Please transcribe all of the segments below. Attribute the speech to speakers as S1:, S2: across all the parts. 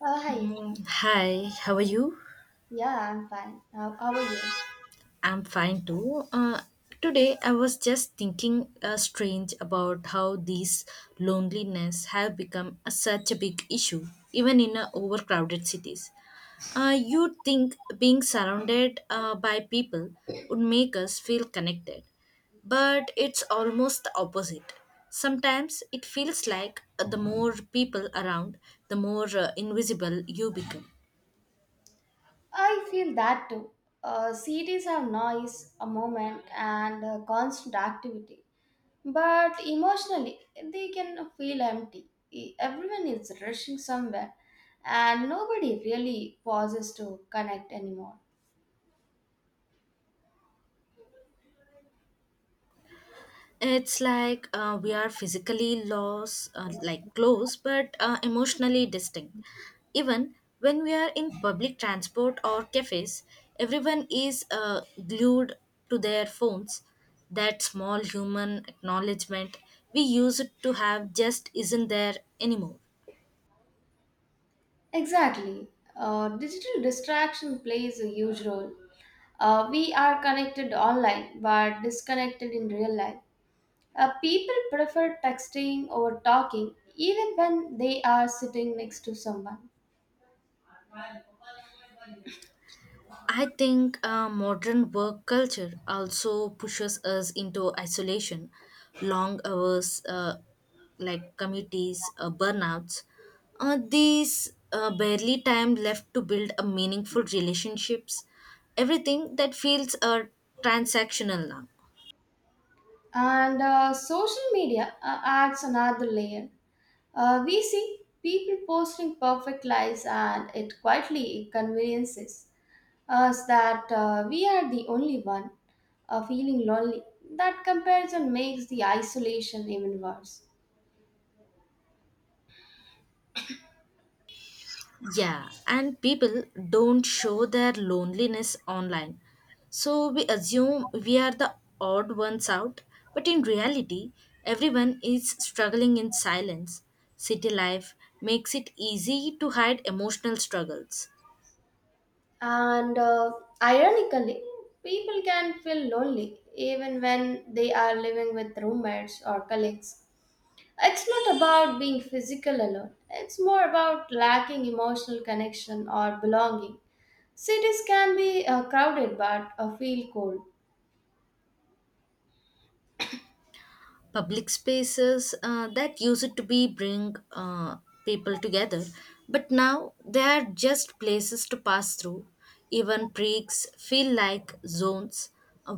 S1: Hi.
S2: Mm, hi, how are you?
S1: Yeah, I'm fine. How are you?
S2: I'm fine too. Today I was just thinking strange about how these loneliness have become a, such a big issue, even in overcrowded cities. You'd think being surrounded by people would make us feel connected, but it's almost the opposite. Sometimes it feels like the more people around, the more invisible you become.
S1: I feel that too. Cities have noise, a moment, and constant activity. But emotionally, they can feel empty. Everyone is rushing somewhere, and nobody really pauses to connect anymore.
S2: It's like we are physically lost, like close, but emotionally distinct. Even when we are in public transport or cafes, everyone is glued to their phones. That small human acknowledgement we used to have just isn't there anymore.
S1: Exactly. Digital distraction plays a huge role. We are connected online, but disconnected in real life. People prefer texting over talking even when they are sitting next to someone.
S2: I think modern work culture also pushes us into isolation, long hours, like committees, burnouts. These barely time left to build a meaningful relationships. Everything that feels transactional now.
S1: And social media adds another layer. We see people posting perfect lives, and it quietly convinces us that we are the only one feeling lonely. That comparison makes the isolation even worse.
S2: Yeah, and people don't show their loneliness online. So we assume we are the odd ones out, but in reality, everyone is struggling in silence. City life makes it easy to hide emotional struggles.
S1: And ironically, people can feel lonely even when they are living with roommates or colleagues. It's not about being physical alone, it's more about lacking emotional connection or belonging. Cities can be crowded but feel cold.
S2: Public spaces that used to be bring people together, but now they are just places to pass through. Even breaks feel like zones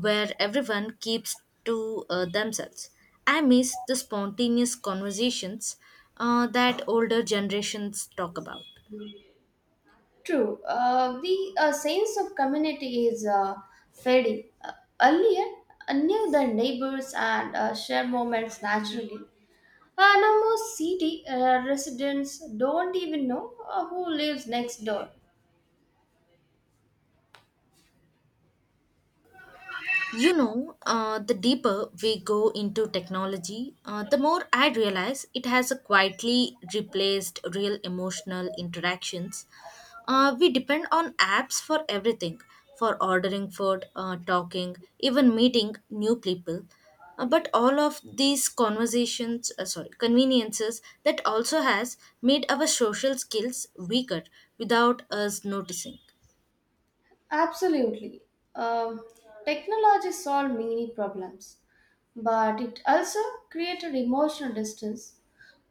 S2: where everyone keeps to themselves. I miss the spontaneous conversations that older generations talk about.
S1: True, the sense of community is fading. Earlier, I knew the neighbors and share moments naturally. Now, most city residents don't even know who lives next door.
S2: You know, the deeper we go into technology, the more I realize it has a quietly replaced real emotional interactions. We depend on apps for everything, for ordering food, talking, even meeting new people. But all of these conversations, sorry, conveniences that also has made our social skills weaker without us noticing.
S1: Absolutely. Um, Technology solved many problems, but it also created emotional distance.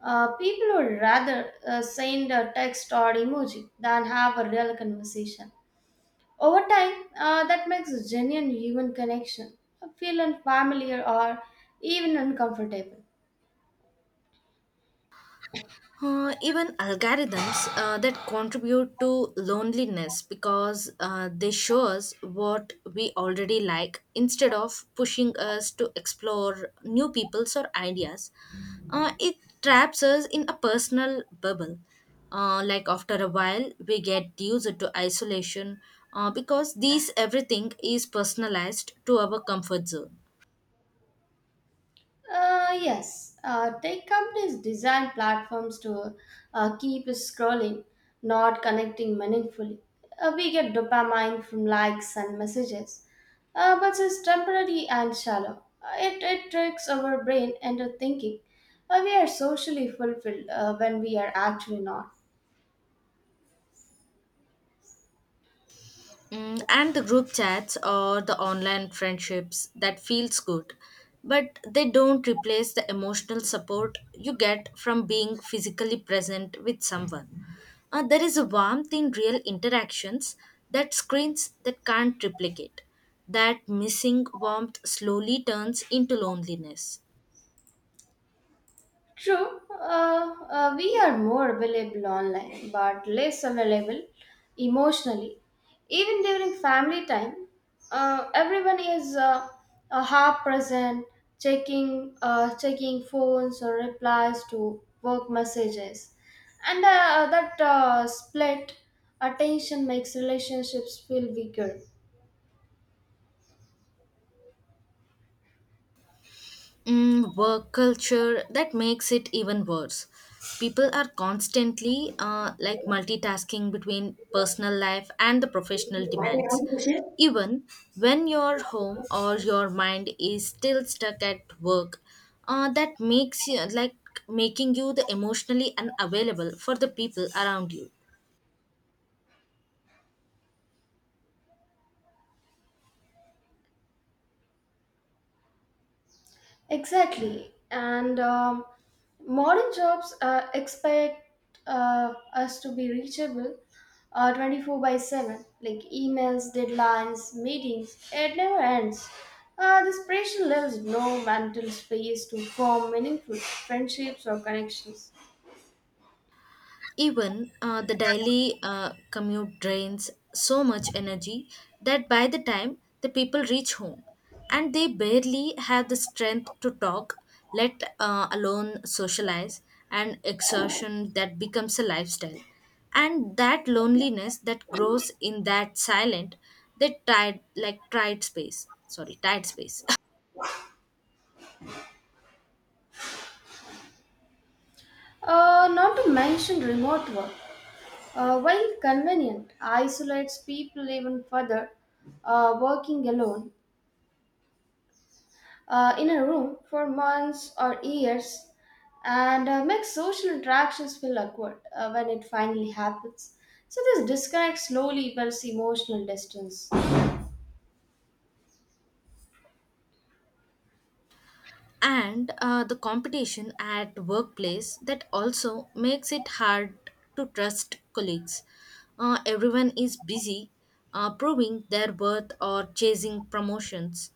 S1: People would rather send a text or emoji than have a real conversation. Over time, that makes a genuine human connection feel unfamiliar or even uncomfortable.
S2: Even algorithms that contribute to loneliness because they show us what we already like instead of pushing us to explore new peoples or ideas. It traps us in a personal bubble. Like after a while, we get used to isolation because these everything is personalized to our comfort zone.
S1: Yes, tech companies design platforms to keep us scrolling, not connecting meaningfully. We get dopamine from likes and messages, but it's temporary and shallow. It tricks our brain into thinking we are socially fulfilled when we are actually not.
S2: Mm, and the group chats or the online friendships that feels good, but they don't replace the emotional support you get from being physically present with someone. There is a warmth in real interactions that screens that can't replicate. That missing warmth slowly turns into loneliness.
S1: True, we are more available online but less available emotionally. Even during family time, everyone is half present, checking phones or replies to work messages. And that split attention makes relationships feel weaker.
S2: Mm, work culture that makes it even worse. People are constantly like multitasking between personal life and the professional demands, even when your home or your mind is still stuck at work. That makes you like making you the emotionally unavailable for the people around you.
S1: Exactly. And modern jobs expect us to be reachable 24/7, like emails, deadlines, meetings. It never ends. This pressure leaves no mental space to form meaningful friendships or connections.
S2: Even the daily commute drains so much energy that by the time the people reach home, and they barely have the strength to talk, let alone socialize, and exertion that becomes a lifestyle. And that loneliness that grows in that silent, that tight, like tight space. Sorry, tight space.
S1: Not to mention remote work. While convenient, isolates people even further. Working alone in a room for months or years and makes social interactions feel awkward when it finally happens. So, this disconnect slowly builds emotional distance.
S2: And the competition at workplace that also makes it hard to trust colleagues. Everyone is busy proving their worth or chasing promotions.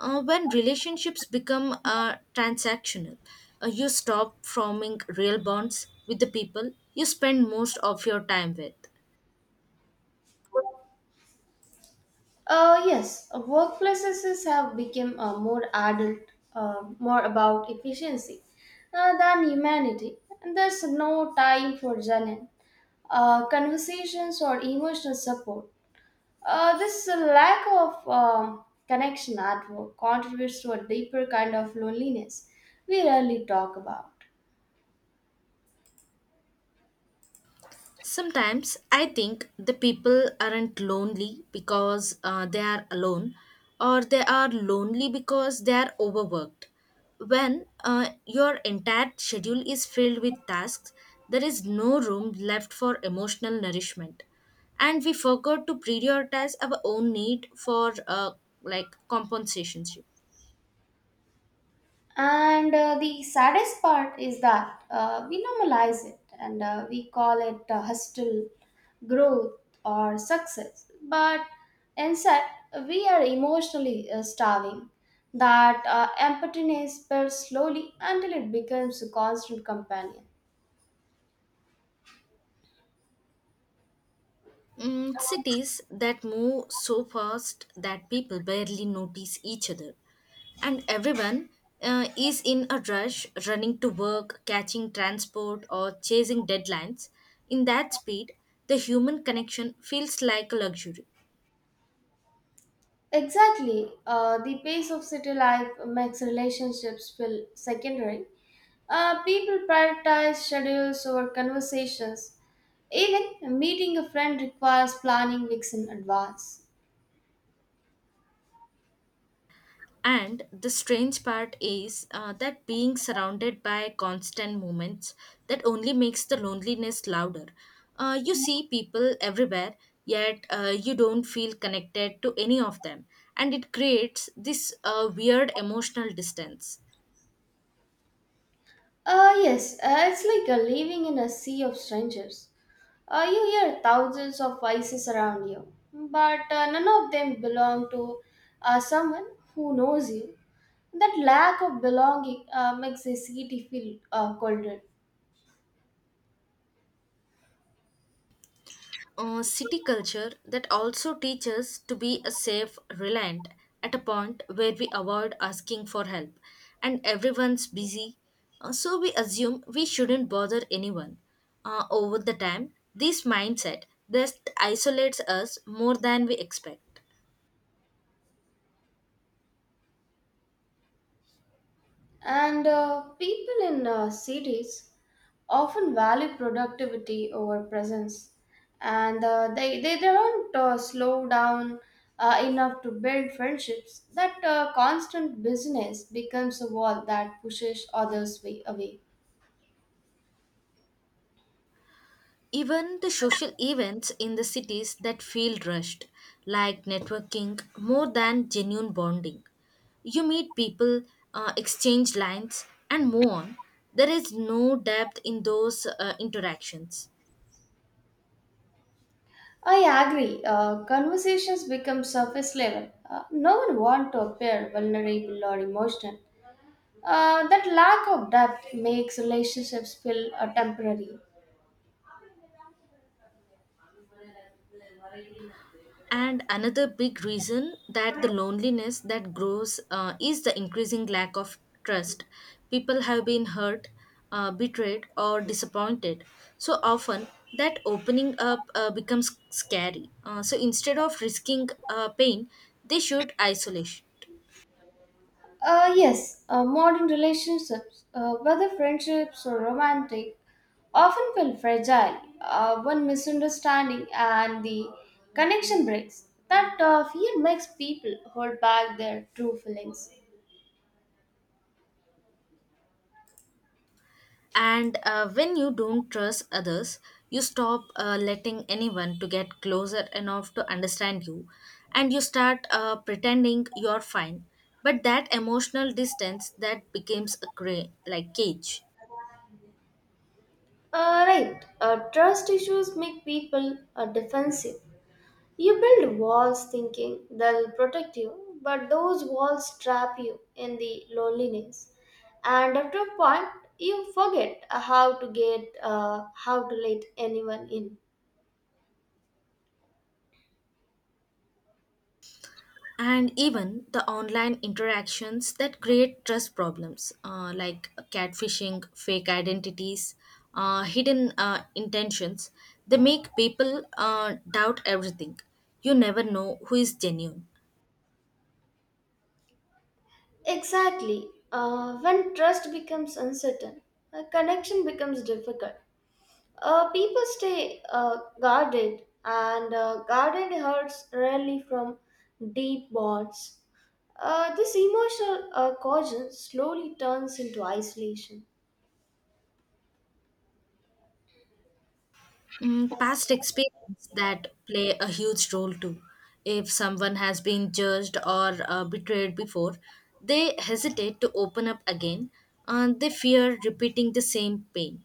S2: When relationships become transactional, you stop forming real bonds with the people you spend most of your time with.
S1: Yes, workplaces have become more adult, more about efficiency than humanity, and there's no time for genuine conversations or emotional support. This lack of connection at work contributes to a deeper kind of loneliness we rarely talk about.
S2: Sometimes I think the people aren't lonely because they are alone, or they are lonely because they are overworked. When your entire schedule is filled with tasks, there is no room left for emotional nourishment, and we forgot to prioritize our own need for like compensationship.
S1: And the saddest part is that we normalize it and we call it hostile growth or success. But instead, we are emotionally starving. That emptiness builds slowly until it becomes a constant companion.
S2: Mm, cities that move so fast that people barely notice each other, and everyone is in a rush, running to work, catching transport, or chasing deadlines. In that speed, the human connection feels like a luxury.
S1: Exactly. The pace of city life makes relationships feel secondary. People prioritize schedules over conversations. Even meeting a friend requires planning weeks in advance.
S2: And the strange part is that being surrounded by constant movements that only makes the loneliness louder. You see people everywhere, yet you don't feel connected to any of them, and it creates this weird emotional distance.
S1: Yes, it's like living in a sea of strangers. You hear thousands of voices around you, but none of them belong to someone who knows you. That lack of belonging makes a city feel colder.
S2: City culture that also teaches to be a safe reliant at a point where we avoid asking for help, and everyone's busy, so we assume we shouldn't bother anyone. Over the time, this mindset just isolates us more than we expect.
S1: And people in cities often value productivity over presence, and they don't slow down enough to build friendships. That constant business becomes a wall that pushes others way away.
S2: Even the social events in the cities that feel rushed, like networking, more than genuine bonding. You meet people, exchange lines, and move on. There is no depth in those interactions.
S1: I agree. Conversations become surface level. No one wants to appear vulnerable or emotional. That lack of depth makes relationships feel temporary.
S2: And another big reason that the loneliness that grows is the increasing lack of trust. People have been hurt, betrayed or disappointed so often that opening up becomes scary. So instead of risking pain, they should isolate.
S1: Yes, modern relationships, whether friendships or romantic, often feel fragile. One misunderstanding and the connection breaks. That fear makes people hold back their true feelings.
S2: And when you don't trust others, you stop letting anyone to get closer enough to understand you, and you start pretending you're fine. But that emotional distance that becomes a like cage.
S1: Right, trust issues make people defensive. You build walls thinking they'll protect you, but those walls trap you in the loneliness. And after a point, you forget how to let anyone in.
S2: And even the online interactions that create trust problems, like catfishing, fake identities, hidden intentions, they make people doubt everything. You never know who is genuine.
S1: Exactly. When trust becomes uncertain, a connection becomes difficult. People stay guarded, and guarded hurts rarely from deep bonds. This emotional caution slowly turns into isolation,
S2: Mm, past experience that play a huge role too. If someone has been judged or betrayed before, they hesitate to open up again, and they fear repeating the same pain.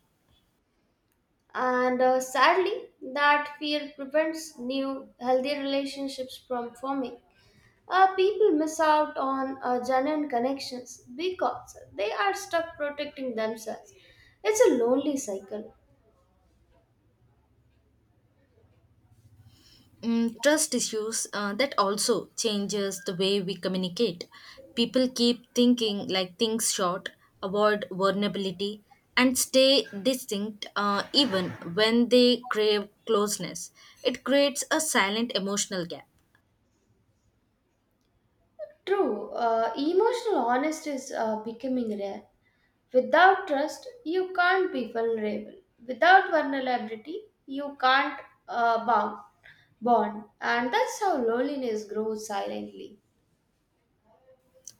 S1: and sadly, that fear prevents new healthy relationships from forming. People miss out on genuine connections because they are stuck protecting themselves. It's a lonely cycle.
S2: Mm, trust issues that also changes the way we communicate. People keep thinking like things short, avoid vulnerability, and stay distinct even when they crave closeness. It creates a silent emotional gap.
S1: True, emotional honesty is becoming rare. Without trust, you can't be vulnerable. Without vulnerability, you can't uh, bound, bond. And that's how loneliness grows silently.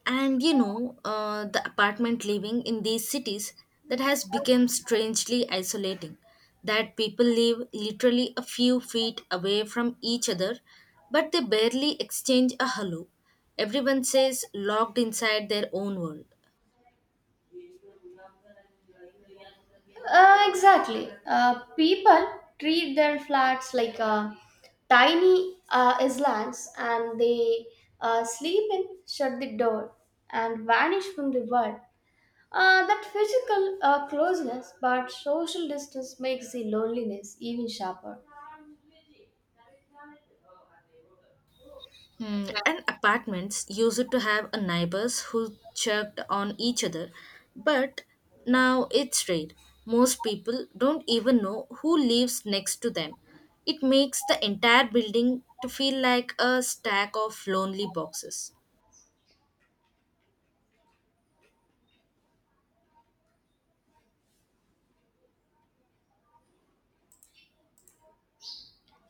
S2: And you know the apartment living in these cities that has become strangely isolating, that people live literally a few feet away from each other, but they barely exchange a hello. Everyone says locked inside their own world.
S1: Exactly. People treat their flats like tiny islands and they sleep in, shut the door, and vanish from the world. That physical closeness but social distance makes the loneliness even sharper.
S2: Hmm, and apartments used to have a neighbors who checked on each other, but now it's rare. Most people don't even know who lives next to them. It makes the entire building to feel like a stack of lonely boxes.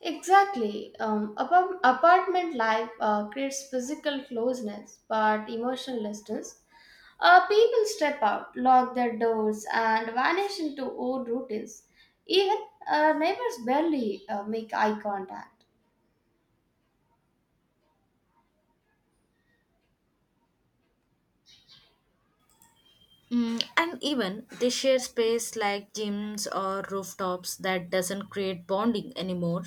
S1: Exactly. Apartment life creates physical closeness but emotional distance. People step out, lock their doors, and vanish into old routines. Even neighbors barely make eye contact.
S2: Mm, and even they share space like gyms or rooftops that doesn't create bonding anymore.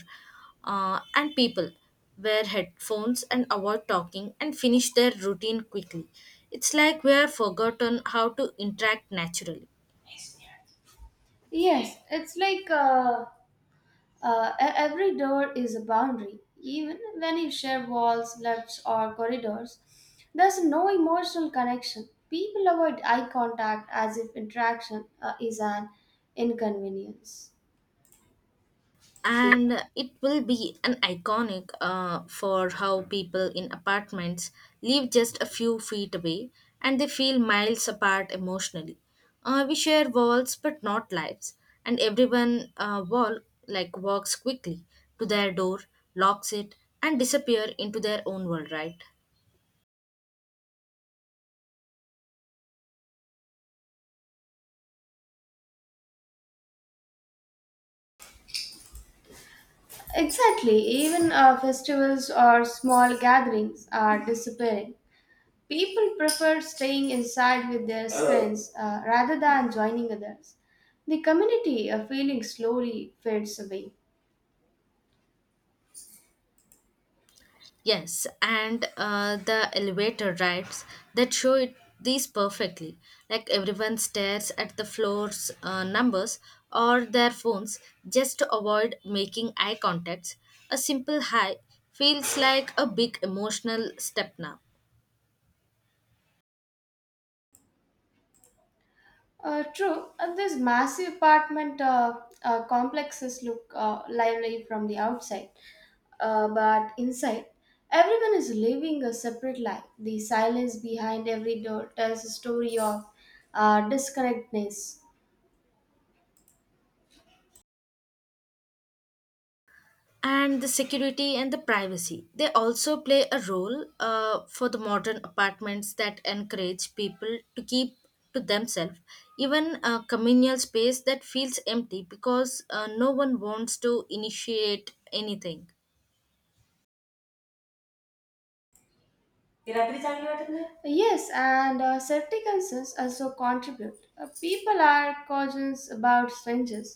S2: And people wear headphones and avoid talking and finish their routine quickly. It's like we are forgotten how to interact naturally.
S1: Yes, it's like every door is a boundary, even when you share walls, lifts, or corridors. There's no emotional connection. People avoid eye contact as if interaction is an inconvenience.
S2: And it will be an iconic for how people in apartments live just a few feet away, and they feel miles apart emotionally. We share walls but not lives, and everyone wall like walks quickly to their door, locks it, and disappear into their own world, right?
S1: Exactly, even festivals or small gatherings are disappearing. People prefer staying inside with their friends rather than joining others. The community feeling slowly fades away.
S2: Yes, and the elevator rides that show it these perfectly. Like everyone stares at the floor's numbers or their phones just to avoid making eye contacts. A simple hi feels like a big emotional step now.
S1: True, and these massive apartment complexes look lively from the outside, but inside, everyone is living a separate life. The silence behind every door tells a story of disconnectedness.
S2: And the security and the privacy they also play a role for the modern apartments that encourage people to keep to themselves. Even a communal space that feels empty because no one wants to initiate anything.
S1: ती रात्री चांगली वाटत नाही. Yes, and safety concerns also contribute. People are cautious about strangers,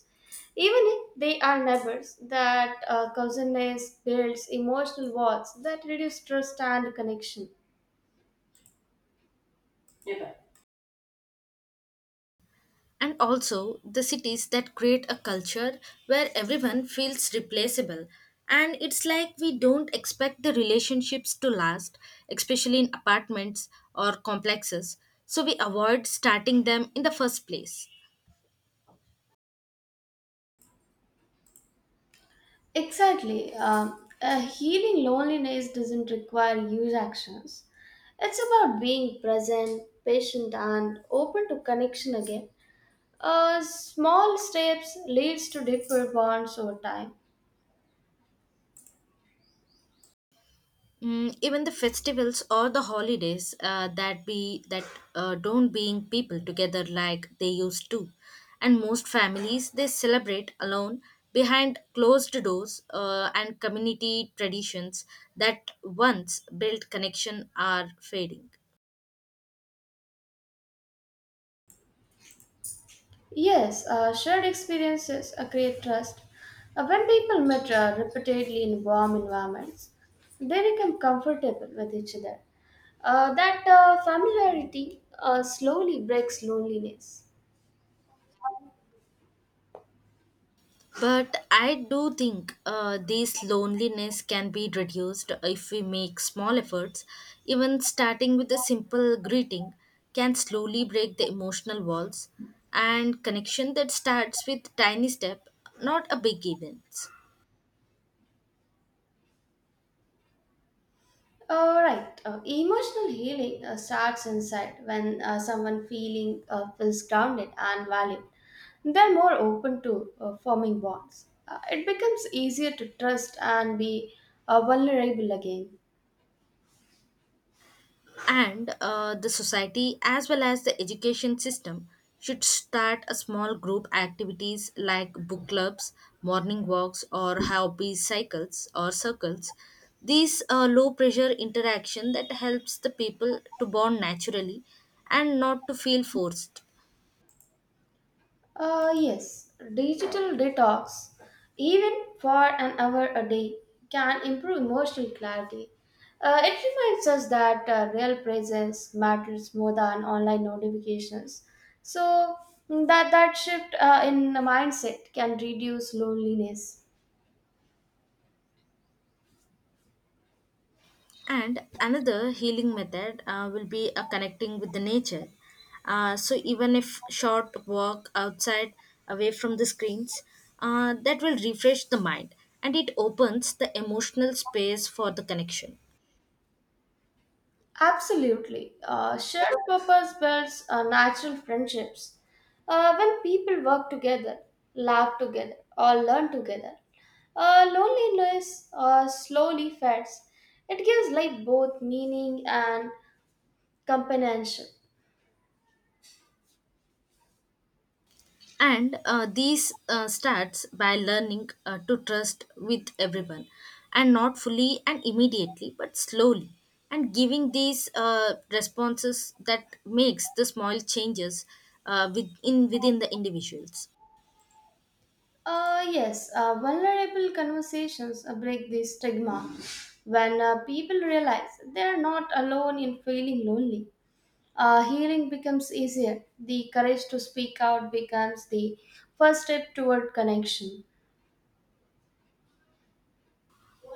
S1: even if they are neighbors. That cousenness builds emotional walls that reduce trust and connection. Hey pi.
S2: And also the cities that create a culture where everyone feels replaceable, and it's like we don't expect the relationships to last, especially in apartments or complexes, so we avoid starting them in the first place.
S1: Exactly. Um, Healing loneliness doesn't require huge actions. It's about being present, patient, and open to connection again. Small steps leads to deeper bonds over time.
S2: Mm, even the festivals or the holidays that don't bring people together like they used to, and most families they celebrate alone behind closed doors. And community traditions that once built connection are fading.
S1: Yes, shared experiences create trust. When people meet repeatedly in warm environments, they become comfortable with each other. That familiarity slowly breaks loneliness.
S2: But I do think this loneliness can be reduced if we make small efforts. Even starting with a simple greeting can slowly break the emotional walls, and connection that starts with tiny step, not a big event.
S1: All right. Emotional healing starts inside when someone feeling feels grounded and valued. They're more open to forming bonds. It becomes easier to trust and be vulnerable again.
S2: And the society, as well as the education system, should start a small group activities like book clubs, morning walks, or hobby cycles or circles. These low pressure interaction that helps the people to bond naturally and not to feel forced.
S1: Yes, digital detox, even for an hour a day, can improve emotional clarity. It reminds us that real presence matters more than online notifications. So that shift in the mindset can reduce loneliness.
S2: And another healing method will be a connecting with the nature. So even if short walk outside away from the screens, that will refresh the mind, and it opens the emotional space for the connection.
S1: Absolutely. Shared purpose builds natural friendships. When people work together, laugh together, or learn together, loneliness slowly fades. It gives life both meaning and companionship.
S2: And these starts by learning to trust with everyone, and not fully and immediately but slowly, and giving these responses that makes the small changes within the individuals.
S1: Yes, vulnerable conversations break the stigma when people realize they're not alone in feeling lonely. Healing becomes easier. The courage to speak out becomes the first step toward connection.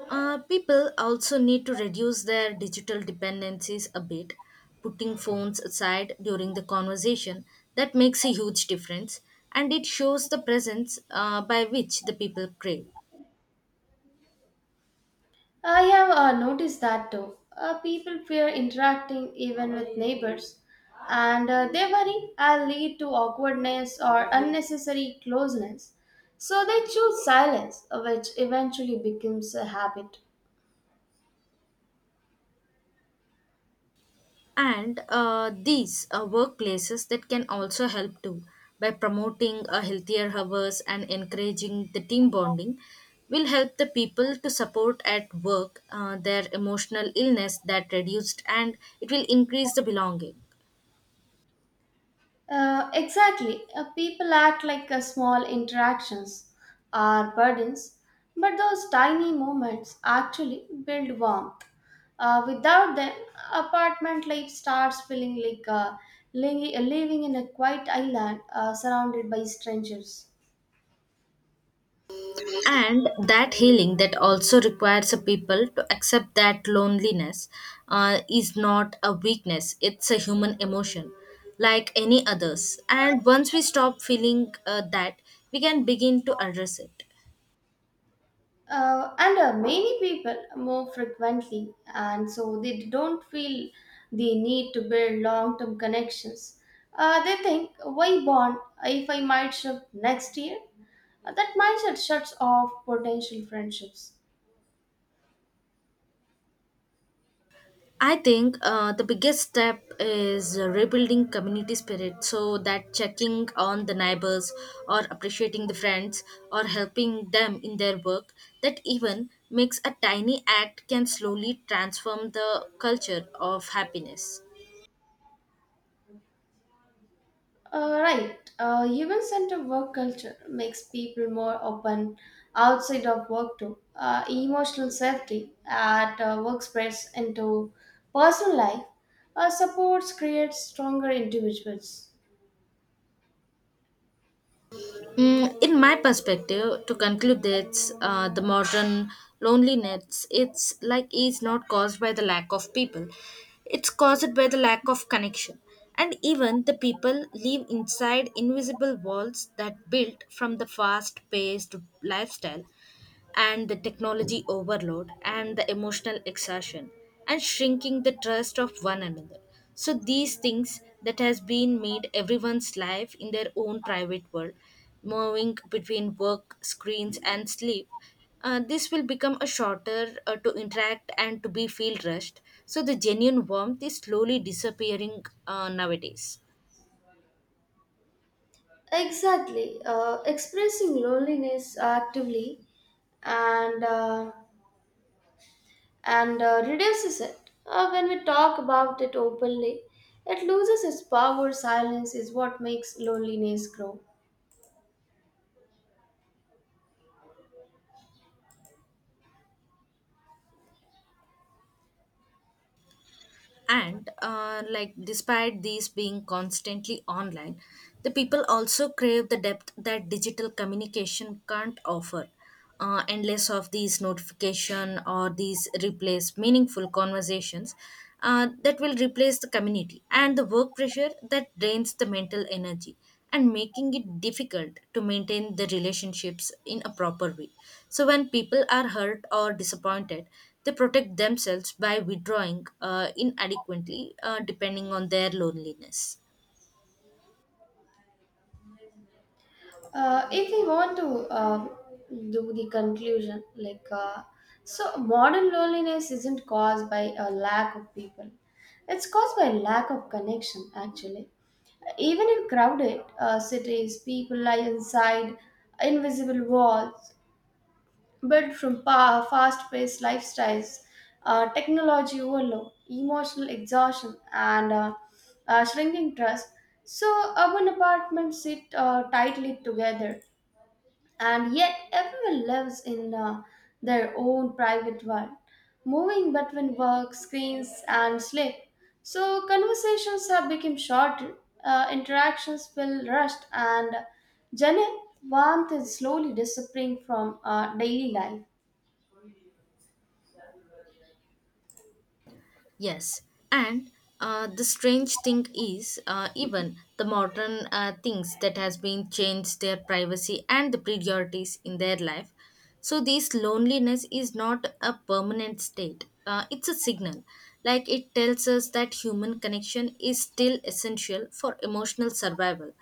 S2: People also need to reduce their digital dependencies a bit, putting phones aside during the conversation. That makes a huge difference, and it shows the presence by which the people crave.
S1: I have noticed that too. People fear interacting even with neighbors, and they worry I'll lead to awkwardness or unnecessary closeness. So they choose silence, which eventually becomes a habit.
S2: And these are workplaces that can also help too by promoting a healthier hours and encouraging the team bonding will help the people to support at work. Their emotional illness that reduced, and it will increase the belonging.
S1: Exactly. People act like small interactions are burdens, but those tiny moments actually build warmth. Without them, apartment life starts feeling like living in a quiet island surrounded by strangers.
S2: And that healing that also requires a people to accept that loneliness is not a weakness, it's a human emotion like any others. And once we stop feeling that, we can begin to address it.
S1: And many people move frequently, and so they don't feel the need to build long term connections. They think, why bond if I might shift next year? That mindset shuts off potential friendships.
S2: I think the biggest step is rebuilding community spirit, so that checking on the neighbors or appreciating the friends or helping them in their work, that even makes a tiny act can slowly transform the culture of happiness.
S1: Right. Human centered work culture makes people more open outside of work too. Emotional safety at work spreads into personal life. Supports create stronger individuals.
S2: Mm, in my perspective, to conclude this, the modern loneliness it's like is not caused by the lack of people. It's caused by the lack of connection. And even the people live inside invisible walls that built from the fast paced lifestyle and the technology overload and the emotional exhaustion and shrinking the trust of one another. So these things that has been made everyone's life in their own private world, moving between work screens and sleep, this will become a shorter to interact and to be feel rushed, so the genuine warmth is slowly disappearing nowadays.
S1: Exactly. Expressing loneliness actively and uh, and reduces it. When we talk about it openly, it loses its power. Silence is what makes loneliness grow.
S2: And like despite these being constantly online, the people also crave the depth that digital communication can't offer. Endless of these notification or these replace meaningful conversations, that will replace the community, and the work pressure that drains the mental energy and making it difficult to maintain the relationships in a proper way. So when people are hurt or disappointed, they protect themselves by withdrawing inadequately depending on their loneliness.
S1: If we want to do the conclusion, like so, modern loneliness isn't caused by a lack of people. It's caused by lack of connection, actually. Even in crowded cities, people lie inside invisible walls built from fast-paced lifestyles, technology overload, emotional exhaustion, and shrinking trust. So urban apartments sit tightly together and yet everyone lives in their own private world, moving between work, screens, and sleep. So conversations have become shorter, interactions feel rushed, and genuine warmth is slowly disappearing from daily life.
S2: Yes, and the strange thing is, even the modern things that has been changed their privacy and the priorities in their life. So this loneliness is not a permanent state. It's a signal, like it tells us that human connection is still essential for emotional survival.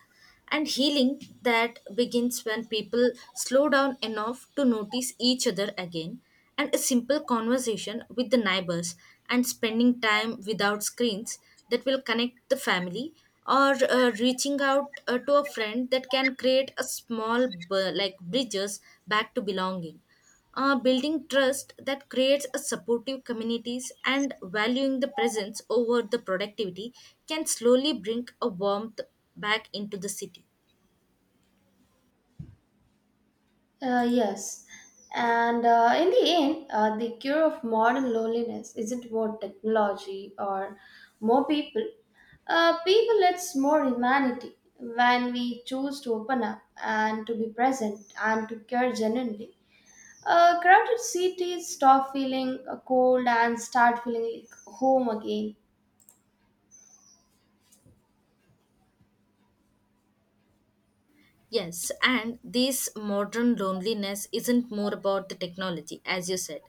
S2: And healing that begins when people slow down enough to notice each other again, and a simple conversation with the neighbors and spending time without screens that will connect the family, or reaching out to a friend, that can create a small like bridges back to belonging. Building trust that creates a supportive communities and valuing the presence over the productivity can slowly bring a warmth back into the city.
S1: Yes. And in the end, the cure of modern loneliness isn't more technology or more people. It's more humanity when we choose to open up and to be present and to care genuinely. Crowded cities stop feeling cold and start feeling like home again.
S2: Yes, and this modern loneliness isn't more about the technology as you said.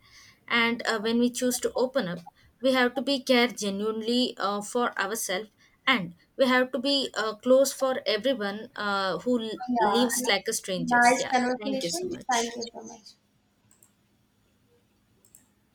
S2: And when we choose to open up, we have to be care genuinely for ourselves, and we have to be close for everyone uh, who l-
S1: Yeah,
S2: lives like a strangers.
S1: nice
S2: Yeah, thank you so
S1: conversation.
S2: much.
S1: Thank you so much.